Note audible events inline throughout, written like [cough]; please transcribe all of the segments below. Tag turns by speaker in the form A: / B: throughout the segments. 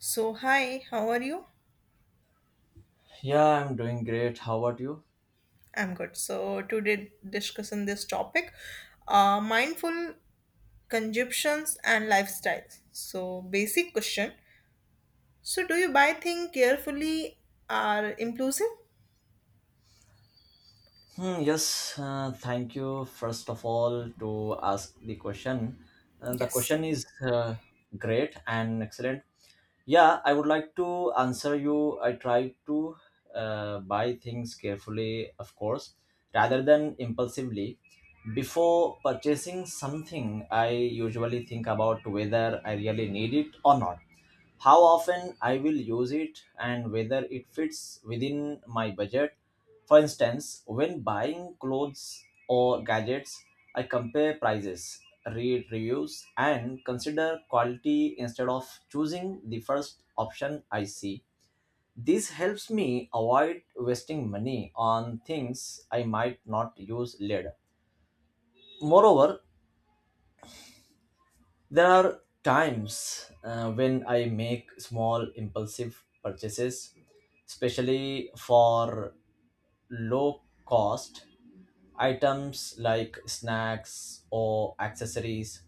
A: So, hi, how are you?
B: Yeah, I'm doing great. How about you?
A: I'm good. So, today discussing this topic, mindful consumptions and lifestyles. So, basic question. So, do you buy things carefully or impulsive?
B: Hmm, yes, thank you first of all to ask the question. The
A: Yes.
B: question is great and excellent. Yeah, I would like to answer you. I try to buy things carefully, of course, rather than impulsively. Before purchasing something, I usually think about whether I really need it or not, how often I will use it, and whether it fits within my budget. For instance, when buying clothes or gadgets, I compare prices, read reviews, and consider quality instead of choosing the first option I see. This helps me avoid wasting money on things I might not use later. Moreover, there are times when I make small impulsive purchases, especially for low cost items like snacks or accessories.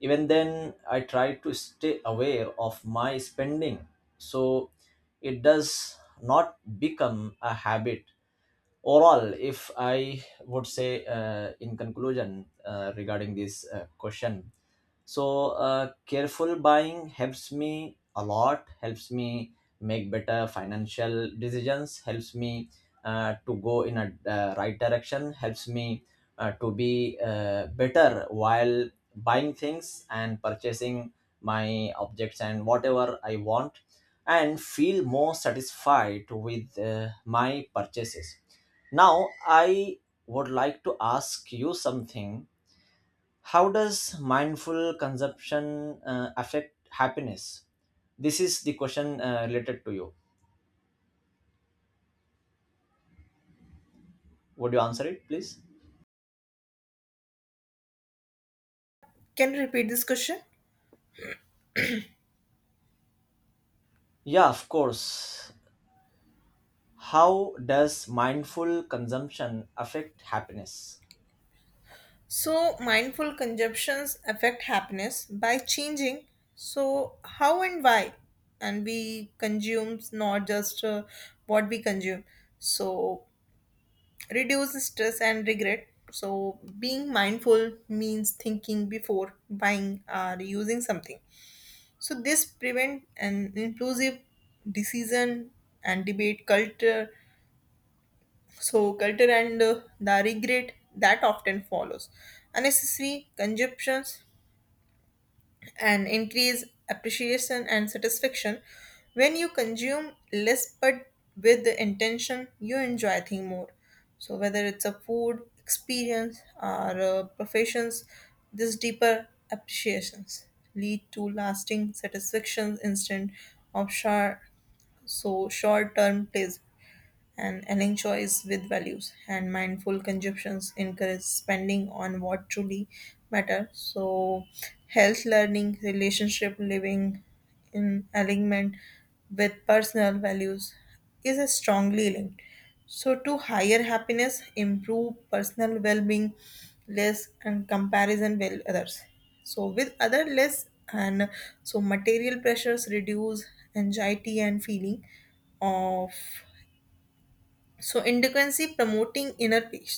B: Even then, I try to stay aware of my spending so it does not become a habit. Overall, if I would say, in conclusion, regarding this question, careful buying helps me a lot, helps me make better financial decisions, helps me to go in a right direction, helps me to be better while buying things and purchasing my objects and whatever I want, and feel more satisfied with my purchases. Now I would like to ask you something. How does mindful consumption affect happiness? This is the question related to you. Would you answer it, please?
A: Can you repeat this question?
B: Yeah, of course. How does mindful consumption affect happiness?
A: So, mindful consumptions affect happiness by changing. So, how and why? And we consume not just what we consume. So, reduce stress and regret. So, being mindful means thinking before buying or using something. So, this prevent an inclusive decision and debate culture. So, culture and the regret that often follows. Unnecessary consumptions and increase appreciation and satisfaction when you consume less but with the intention you enjoy thing more, so whether it's a food experience or professions, this deeper appreciations lead to lasting satisfactions instead of short, so short term pleasure, and aligning choice with values and mindful consumptions encourage spending on what truly matter, so health, learning, relationship, living in alignment with personal values is a strongly linked, so to higher happiness, improve personal well-being, less and comparison with others, so with other less and so material pressures, reduce anxiety and feeling of so indigency, promoting inner peace,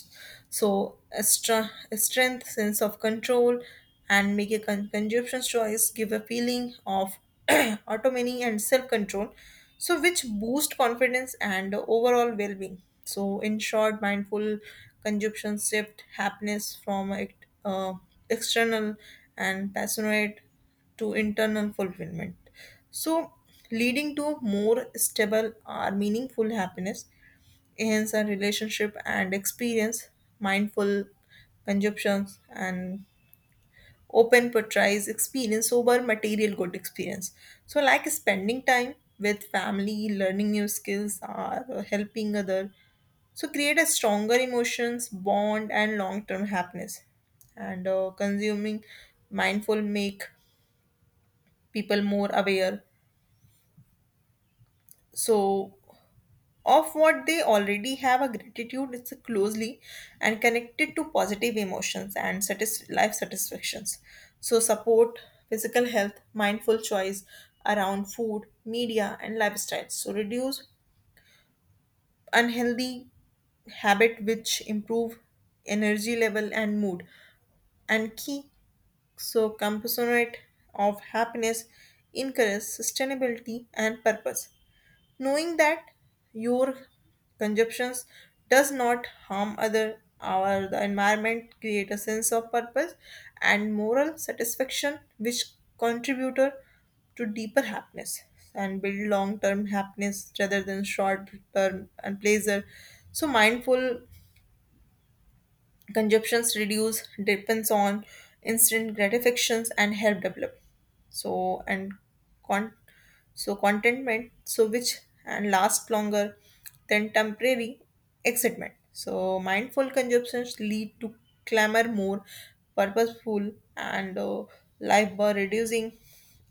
A: so a strength sense of control, and make a consumption choice give a feeling of [clears throat] autonomy and self-control, so which boost confidence and overall well-being. So in short, mindful consumption shift happiness from uh, external and passionate to internal fulfillment, so leading to more stable or meaningful happiness, enhance our relationship and experience. Mindful consumptions and open portrays experience over material good experience, so like spending time with family, learning new skills, or helping other, so create a stronger emotions bond and long-term happiness. And consuming mindful make people more aware, so of what they already have. A gratitude is closely and connected to positive emotions and life satisfactions, so support physical health. Mindful choice around food, media, and lifestyles so reduce unhealthy habit, which improve energy level and mood, and key so component of happiness, encourage sustainability and purpose, knowing that your consumptions does not harm other our the environment, create a sense of purpose and moral satisfaction which contributor to deeper happiness and build long term happiness rather than short term and pleasure. So mindful consumptions reduce depends on instant gratifications and help develop so and con- so contentment so which and last longer than temporary excitement. So mindful consumptions lead to clamor more purposeful and life by reducing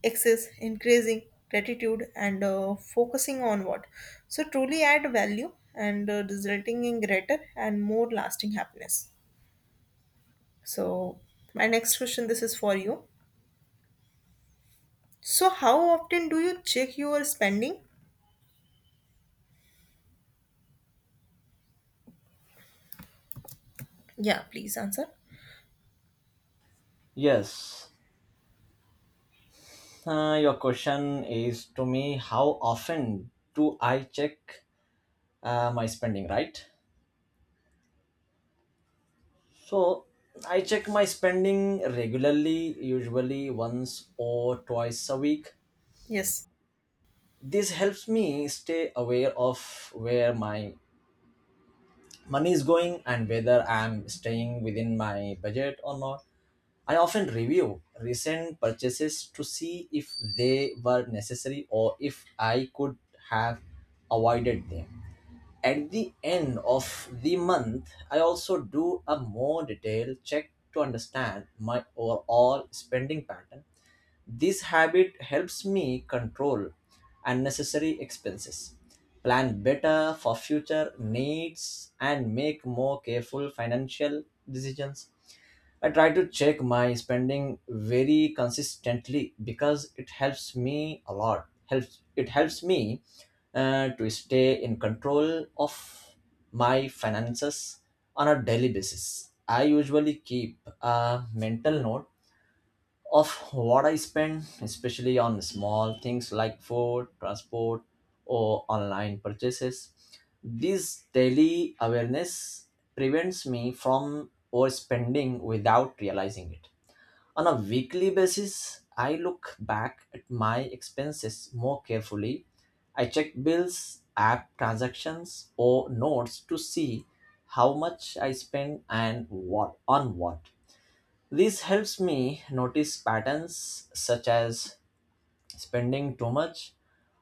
A: excess, increasing gratitude, and focusing on what so truly add value, and resulting in greater and more lasting happiness. So, my next question, this is for you. So, how often do you check your spending? Yeah, please answer.
B: Yes, your question is to me, how often do I check my spending, right? So I check my spending regularly, usually once or twice a week.
A: Yes.
B: This helps me stay aware of where my money is going and whether I'm staying within my budget or not. I often review recent purchases to see if they were necessary or if I could have avoided them. At the end of the month, I also do a more detailed check to understand my overall spending pattern. This habit helps me control unnecessary expenses, plan better for future needs, and make more careful financial decisions. I try to check my spending very consistently because it helps me a lot. Helps it helps me to stay in control of my finances on a daily basis. I usually keep a mental note of what I spend, especially on small things like food, transport, or online purchases. This daily awareness prevents me from overspending without realizing it. On a weekly basis, I look back at my expenses more carefully. I check bills, app transactions, or notes to see how much I spend and what on what. This helps me notice patterns such as spending too much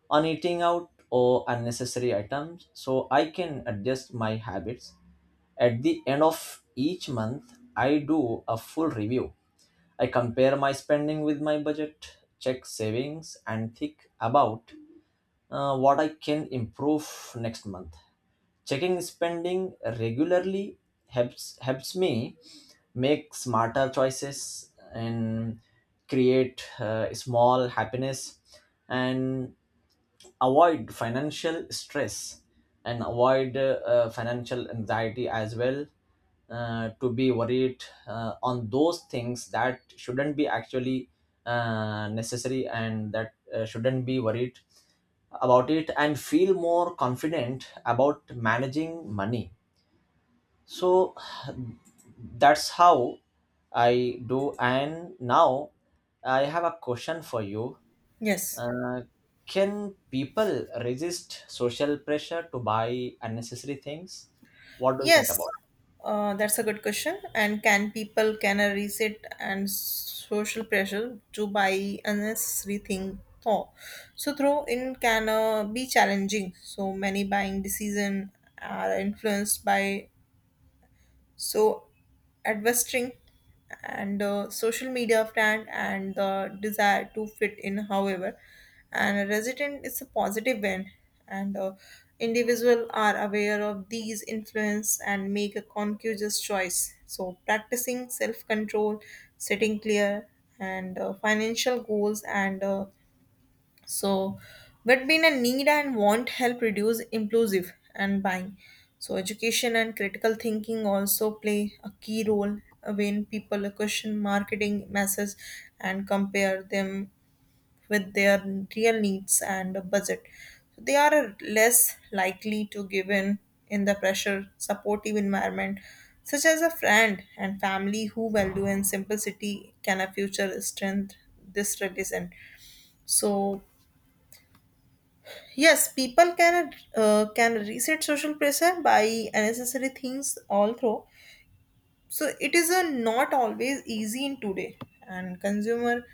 B: on eating out or unnecessary items, so I can adjust my habits. At the end of each month, I do a full review. I compare my spending with my budget, check savings, and think about what I can improve next month. Checking spending regularly helps, helps me make smarter choices and create small happiness, and avoid financial stress, and avoid financial anxiety as well, to be worried on those things that shouldn't be actually necessary and that shouldn't be worried about it, and feel more confident about managing money. So that's how I do. And now I have a question for you.
A: Yes.
B: Can people resist social pressure to buy unnecessary things? What do you think
A: Yes.
B: about
A: That's a good question. And can people can a reset and social pressure to buy unnecessary thing? Oh, so throw in can be challenging. So many buying decision are influenced by. So, advertising and social media brand and the desire to fit in, however, and a resident is a positive win, and individual are aware of these influence and make a conscious choice. So, practicing self control, setting clear and financial goals and so, but being a need and want help reduce impulsive and buying. So, education and critical thinking also play a key role when people question marketing messages and compare them with their real needs and budget. So, they are less likely to give in the pressure supportive environment, such as a friend and family who value and simplicity can a future strength this religion. So yes, people can reset social pressure by unnecessary things all through. So it is a not always easy in today and consumer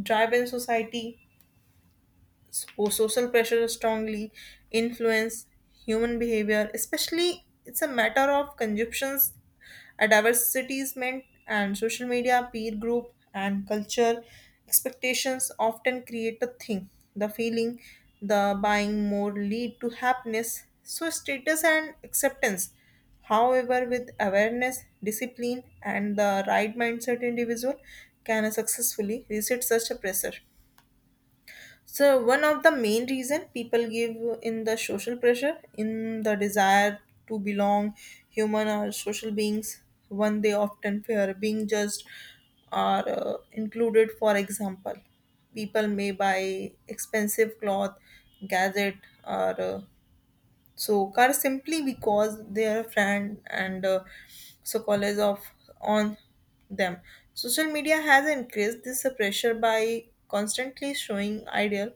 A: driven society. So social pressure strongly influence human behavior, especially it's a matter of consumptions, a advertisement and social media, peer group, and culture expectations often create a thing. The feeling, the buying more lead to happiness. So status and acceptance. However, with awareness, discipline, and the right mindset, individual can successfully resist such a pressure. So one of the main reason people give in the social pressure, in the desire to belong, human or social beings, one they often fear being judged or included. For example, people may buy expensive cloth, gadget, or so car, simply because they are a friend and so college of on them. Social media has increased this pressure by constantly showing ideal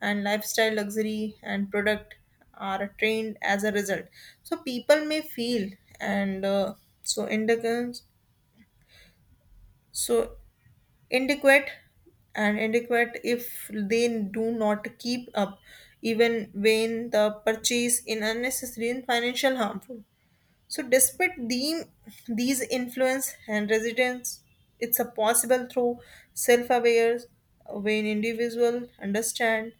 A: and lifestyle, luxury and product are trained as a result, so people may feel and so indicans so inadequate and inadequate if they do not keep up, even when the purchase in unnecessary and financial harmful. So, despite the, these influence and resistance, it's a possible through self-aware when individual understand.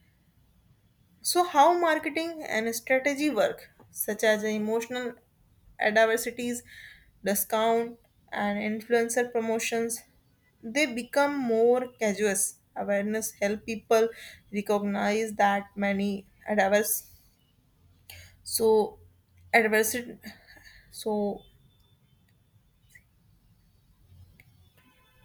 A: So, how marketing and strategy work, such as emotional adversities, discount, and influencer promotions, they become more casual. Awareness help people recognize that many adverse so adversity so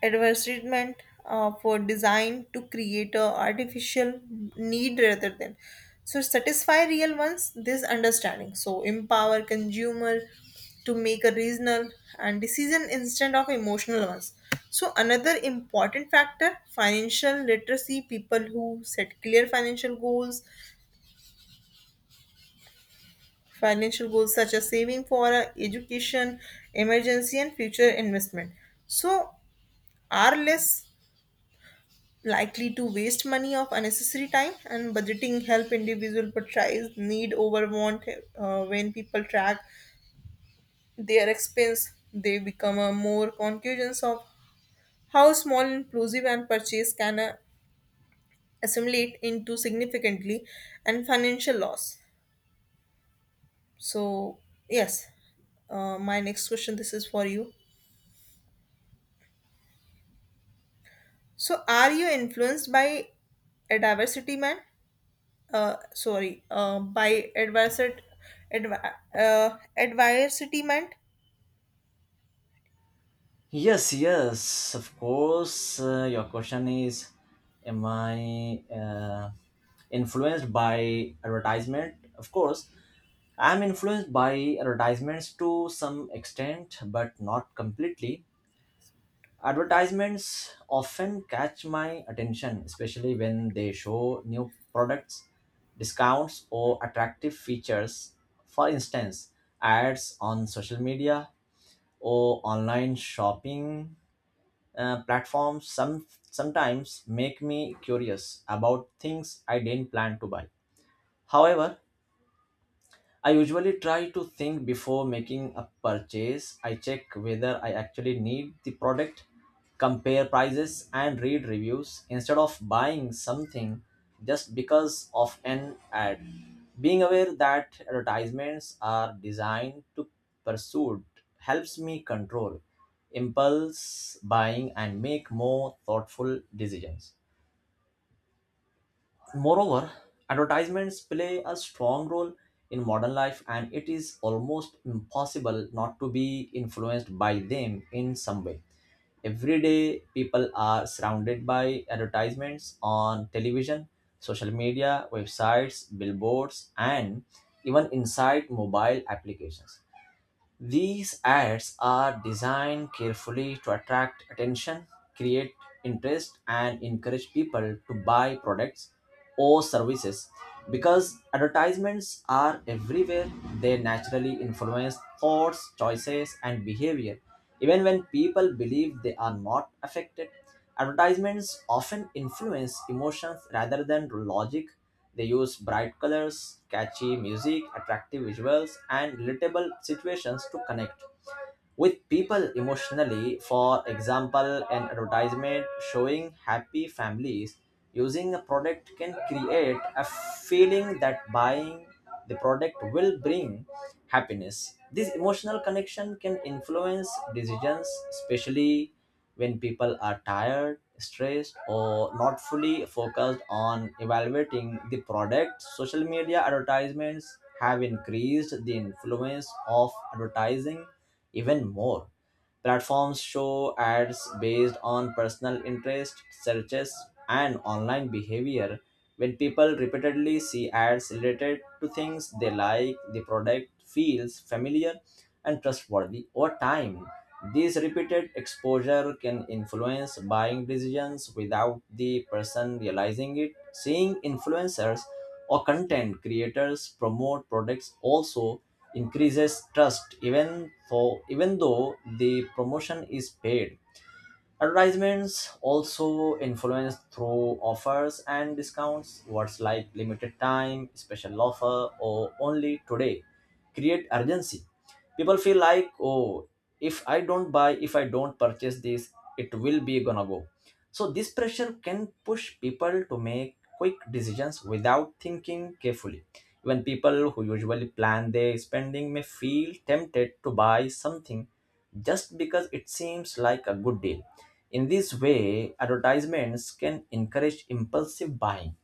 A: advertisement for design to create a artificial need rather than so satisfy real ones. This understanding so empower consumer to make a reasonable and decision instead of emotional ones. So another important factor financial literacy, people who set clear financial goals, financial goals such as saving for a education, emergency, and future investment, so are less likely to waste money of unnecessary time, and budgeting help individual prioritize need over want. When people track their expense, they become a more conscious of how small inclusive and purchase can assimilate into significantly and financial loss. So yes, my next question, this is for you. So are you influenced by a diversity man, by adversity, adversity meant?
B: it? Yes, yes, of course. Your question is, am I influenced by advertisement? Of course I'm influenced by advertisements to some extent but not completely. Advertisements often catch my attention, especially when they show new products, discounts, or attractive features. For instance, ads on social media or online shopping platforms sometimes make me curious about things I didn't plan to buy. However, I usually try to think before making a purchase. I check whether I actually need the product, compare prices, and read reviews instead of buying something just because of an ad. Being aware that advertisements are designed to pursue helps me control impulse buying and make more thoughtful decisions. Moreover, advertisements play a strong role in modern life, and it is almost impossible not to be influenced by them in some way. Every day, people are surrounded by advertisements on television, social media, websites, billboards, and even inside mobile applications. These ads are designed carefully to attract attention, create interest, and encourage people to buy products or services. Because advertisements are everywhere, they naturally influence thoughts, choices, and behavior. Even when people believe they are not affected, advertisements often influence emotions rather than logic. They use bright colors, catchy music, attractive visuals, and relatable situations to connect with people emotionally. For example, an advertisement showing happy families using a product can create a feeling that buying the product will bring happiness. This emotional connection can influence decisions, especially when people are tired, stressed, or not fully focused on evaluating the product. Social media advertisements have increased the influence of advertising even more. Platforms show ads based on personal interest, searches, and online behavior. When people repeatedly see ads related to things they like, the product feels familiar and trustworthy over time. This repeated exposure can influence buying decisions without the person realizing it. Seeing influencers or content creators promote products also increases trust, even though the promotion is paid. Advertisements also influence through offers and discounts. Words like limited time, special offer, or only today create urgency. People feel like, oh, if I don't buy, if I don't purchase this, it will be gonna go. So this pressure can push people to make quick decisions without thinking carefully. Even people who usually plan their spending may feel tempted to buy something just because it seems like a good deal. In this way, advertisements can encourage impulsive buying.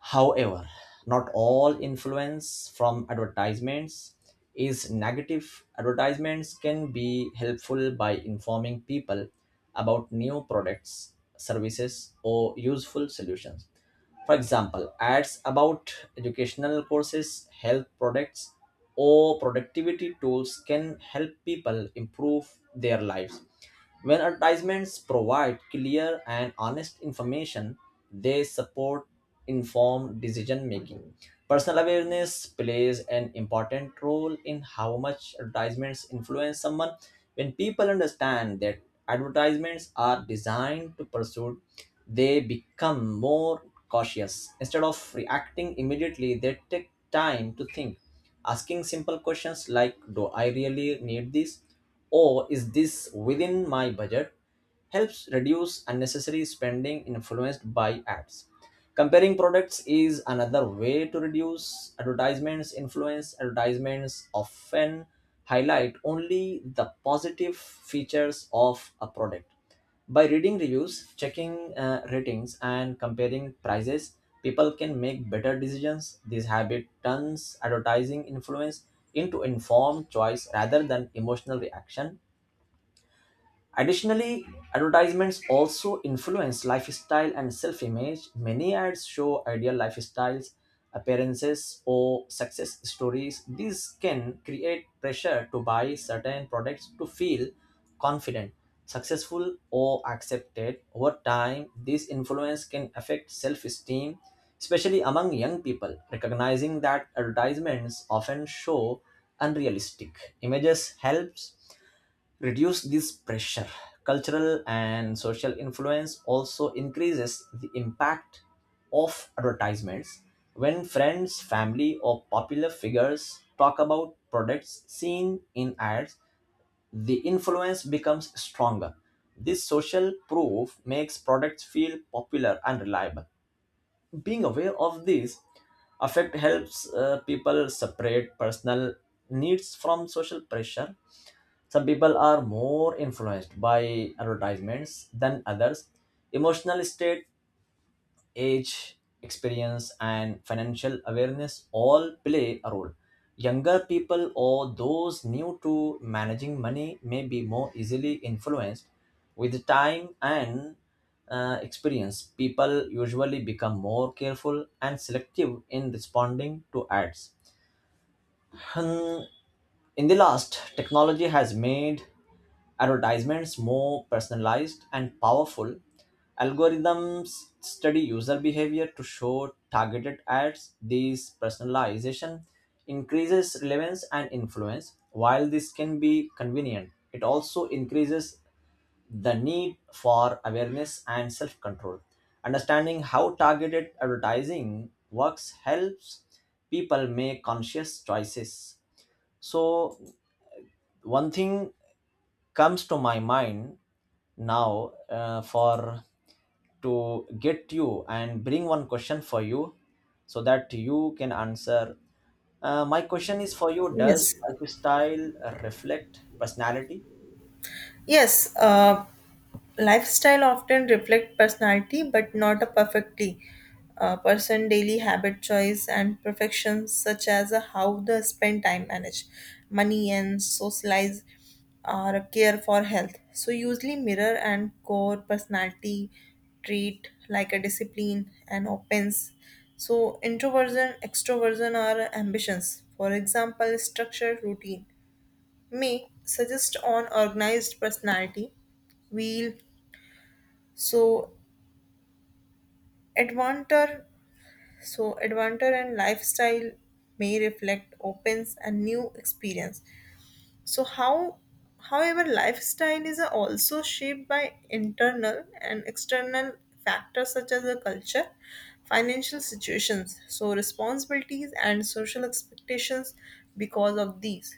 B: However, not all influence from advertisements is negative. Advertisements can be helpful by informing people about new products, services, or useful solutions. For example, ads about educational courses, health products, or productivity tools can help people improve their lives. When advertisements provide clear and honest information, they support informed decision making. Personal awareness plays an important role in how much advertisements influence someone. When people understand that advertisements are designed to pursue, they become more cautious. Instead of reacting immediately, they take time to think. Asking simple questions like, do I really need this? Or is this within my budget? Helps reduce unnecessary spending influenced by ads. Comparing products is another way to reduce advertisements influence. Advertisements often highlight only the positive features of a product. By reading reviews, checking ratings, and comparing prices, people can make better decisions. This habit turns advertising influence into informed choice rather than emotional reaction. Additionally, advertisements also influence lifestyle and self image. Many ads show ideal lifestyles, appearances, or success stories. These can create pressure to buy certain products to feel confident, successful, or accepted. Over time, this influence can affect self esteem, especially among young people. Recognizing that advertisements often show unrealistic images helps reduce this pressure. Cultural and social influence also increases the impact of advertisements. When friends, family, or popular figures talk about products seen in ads, the influence becomes stronger. This social proof makes products feel popular and reliable. Being aware of this effect helps people separate personal needs from social pressure. Some people are more influenced by advertisements than others. Emotional state, age, experience, and financial awareness all play a role. Younger people or those new to managing money may be more easily influenced. With time and experience, people usually become more careful and selective in responding to ads. Hmm, in the last, technology has made advertisements more personalized and powerful. Algorithms study user behavior to show targeted ads. This personalization increases relevance and influence. While this can be convenient, it also increases the need for awareness and self control. Understanding how targeted advertising works helps people make conscious choices. So, one thing comes to my mind now, for to get you and bring one question for you so that you can answer. My question is for you, does
A: Yes.
B: lifestyle reflect personality?
A: Yes, lifestyle often reflect personality, but not a perfectly. Person daily habit choice and perfections such as how they spend time, manage money, and socialize or care for health. So usually mirror and core personality trait like a discipline and opens. So introversion, extroversion, or ambitions. For example, structured routine may suggest on organized personality wheel so advanter so advanter and lifestyle may reflect opens a new experience, so how, however lifestyle is also shaped by internal and external factors, such as the culture, financial situations, so responsibilities and social expectations. Because of these.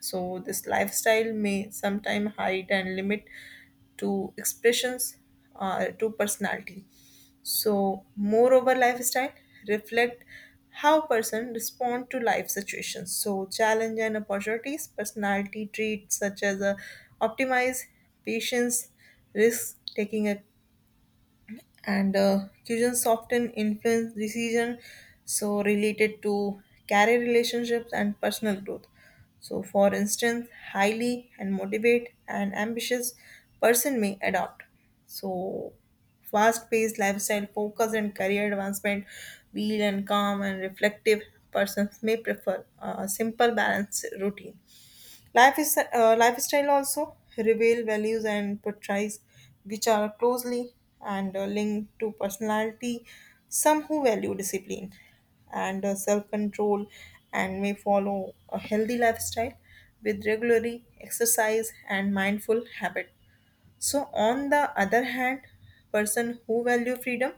A: So, this lifestyle may sometime hide and limit to expressions to personality. So, moreover, lifestyle reflect how person respond to life situations. So, challenge and opportunities, personality traits such as optimize, patience, risk taking, and children's often influence decision so related to career, relationships, and personal growth, so for instance highly and motivate and ambitious person may adopt so fast-paced lifestyle focus and career advancement, wheel and calm and reflective persons may prefer a simple balanced routine. Life is, lifestyle also reveal values and portrays which are closely and linked to personality. Some who value discipline and self-control and may follow a healthy lifestyle with regularly exercise and mindful habit. So on the other hand, person who value freedom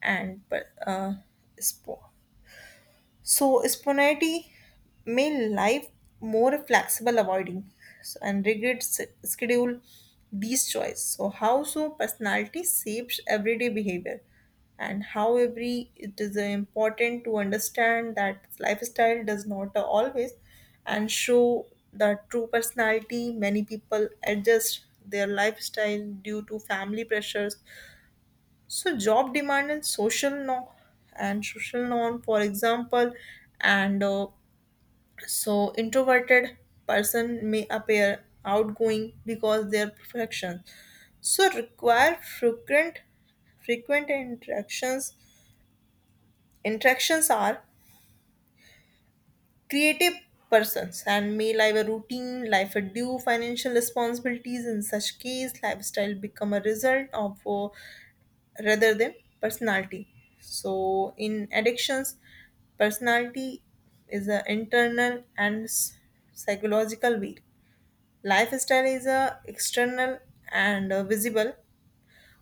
A: and uh, spo- so spontaneity made life more flexible, avoiding so, and rigid schedule these choice. So how so personality shapes everyday behavior, and how every it is important to understand that lifestyle does not always and show the true personality. Many people adjust their lifestyle due to family pressures so job demand and social norm, for example, and so introverted person may appear outgoing because they are perfection. So require frequent interactions. Interactions are creative persons and may live a routine, life a due financial responsibilities. In such case, lifestyle become a result of rather than personality. So, in addictions, personality is an internal and psychological wheel. Lifestyle is a external and visible.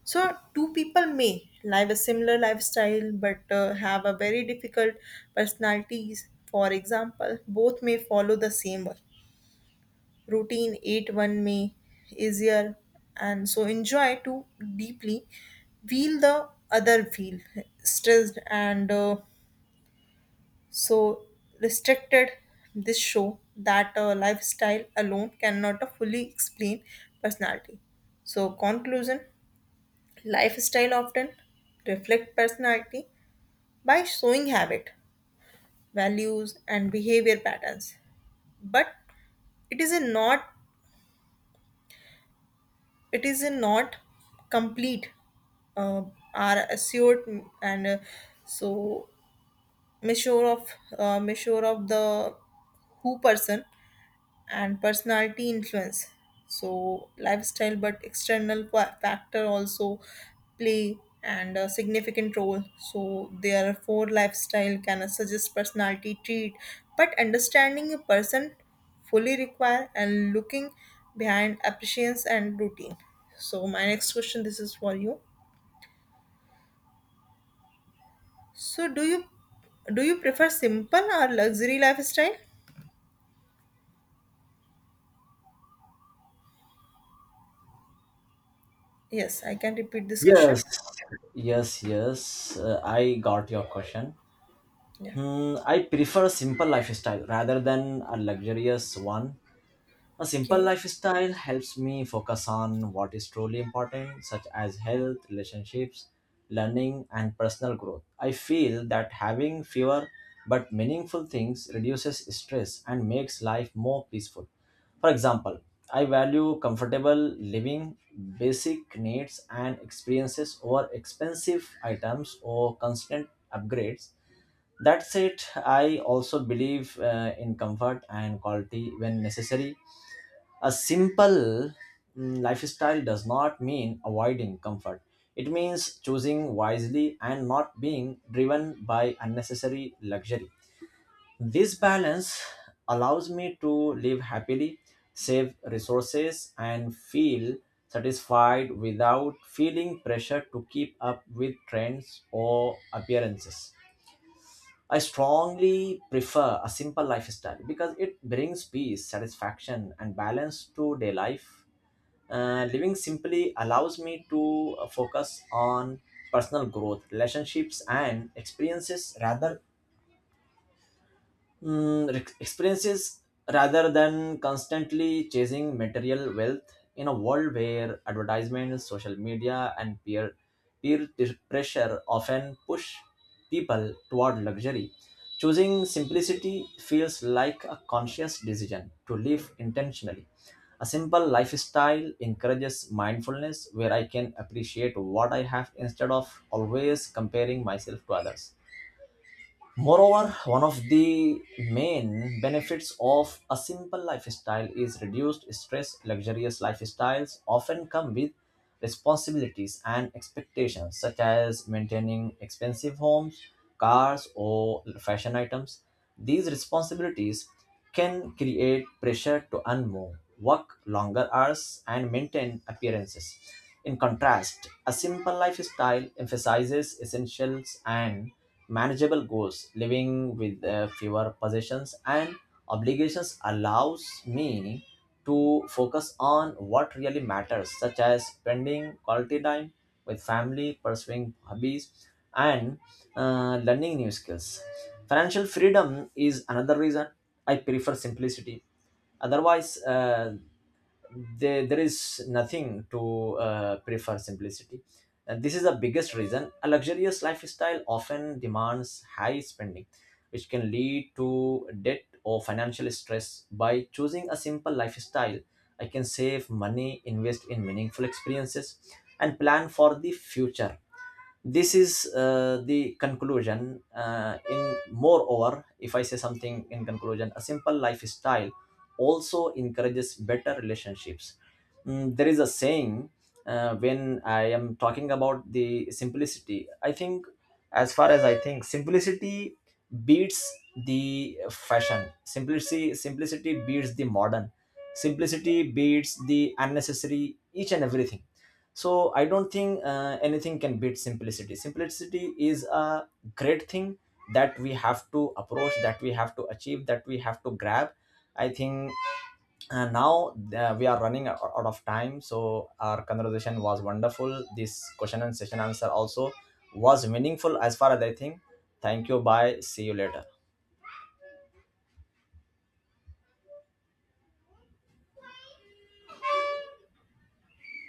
A: So, two people may live a similar lifestyle but have a very difficult personalities. For example, both may follow the same one routine eight one may easier and so enjoy too deeply, feel the other feel stressed and so restricted. This show that lifestyle alone cannot fully explain personality. So conclusion, lifestyle often reflect personality by showing habit, values, and behavior patterns, but it is a not it is not complete uh, are assured and so measure of measure of the who person, and personality influence so lifestyle, but external factor also play and a significant role, so therefore lifestyle can suggest personality trait, but understanding a person fully require and looking behind appreciations and routine. So my next question, this is for you. So do you, do you prefer simple or luxury lifestyle? Yes, I can repeat this
B: Yes,
A: question.
B: yes, yes, I got your question.
A: Yeah.
B: Hmm, I prefer a simple lifestyle rather than a luxurious one. A simple
A: Okay.
B: lifestyle helps me focus on what is truly important, such as health, relationships, learning, and personal growth. I feel that having fewer but meaningful things reduces stress and makes life more peaceful. For example, I value comfortable living, basic needs, and experiences over expensive items or constant upgrades. That said, I also believe in comfort and quality when necessary. A simple, mm, lifestyle does not mean avoiding comfort. It means choosing wisely and not being driven by unnecessary luxury. This balance allows me to live happily, save resources, and feel satisfied without feeling pressure to keep up with trends or appearances. I strongly prefer a simple lifestyle because it brings peace, satisfaction, and balance to day life. Living simply allows me to focus on personal growth, relationships, and experiences rather, experiences, rather than constantly chasing material wealth in a world where advertisements, social media, and pressure often push people toward luxury. Choosing simplicity feels like a conscious decision to live intentionally. A simple lifestyle encourages mindfulness where I can appreciate what I have instead of always comparing myself to others. Moreover, one of the main benefits of a simple lifestyle is reduced stress. Luxurious lifestyles often come with responsibilities and expectations, such as maintaining expensive homes, cars, or fashion items. These responsibilities can create pressure to earn more, work longer hours, and maintain appearances. In contrast, a simple lifestyle emphasizes essentials and manageable goals. Living with fewer possessions and obligations allows me to focus on what really matters, such as spending quality time with family, pursuing hobbies, and learning new skills. Financial freedom is another reason I prefer simplicity. Otherwise, there is nothing to prefer simplicity, and this is the biggest reason. A luxurious lifestyle often demands high spending, which can lead to debt or financial stress. By choosing a simple lifestyle, I can save money, invest in meaningful experiences, and plan for the future. This is the conclusion. In moreover, if I say something in conclusion, a simple lifestyle also encourages better relationships. Mm, there is a saying, when I am talking about the simplicity, I think, as far as I think, simplicity beats the fashion, simplicity, simplicity beats the modern, simplicity beats the unnecessary, each and everything. So I don't think anything can beat simplicity. Simplicity is a great thing that we have to approach, that we have to achieve, that we have to grab, I think. Now, we are running out of time, so our conversation was wonderful. This question and session answer also was meaningful, as far as I think. Thank you, bye, see you later.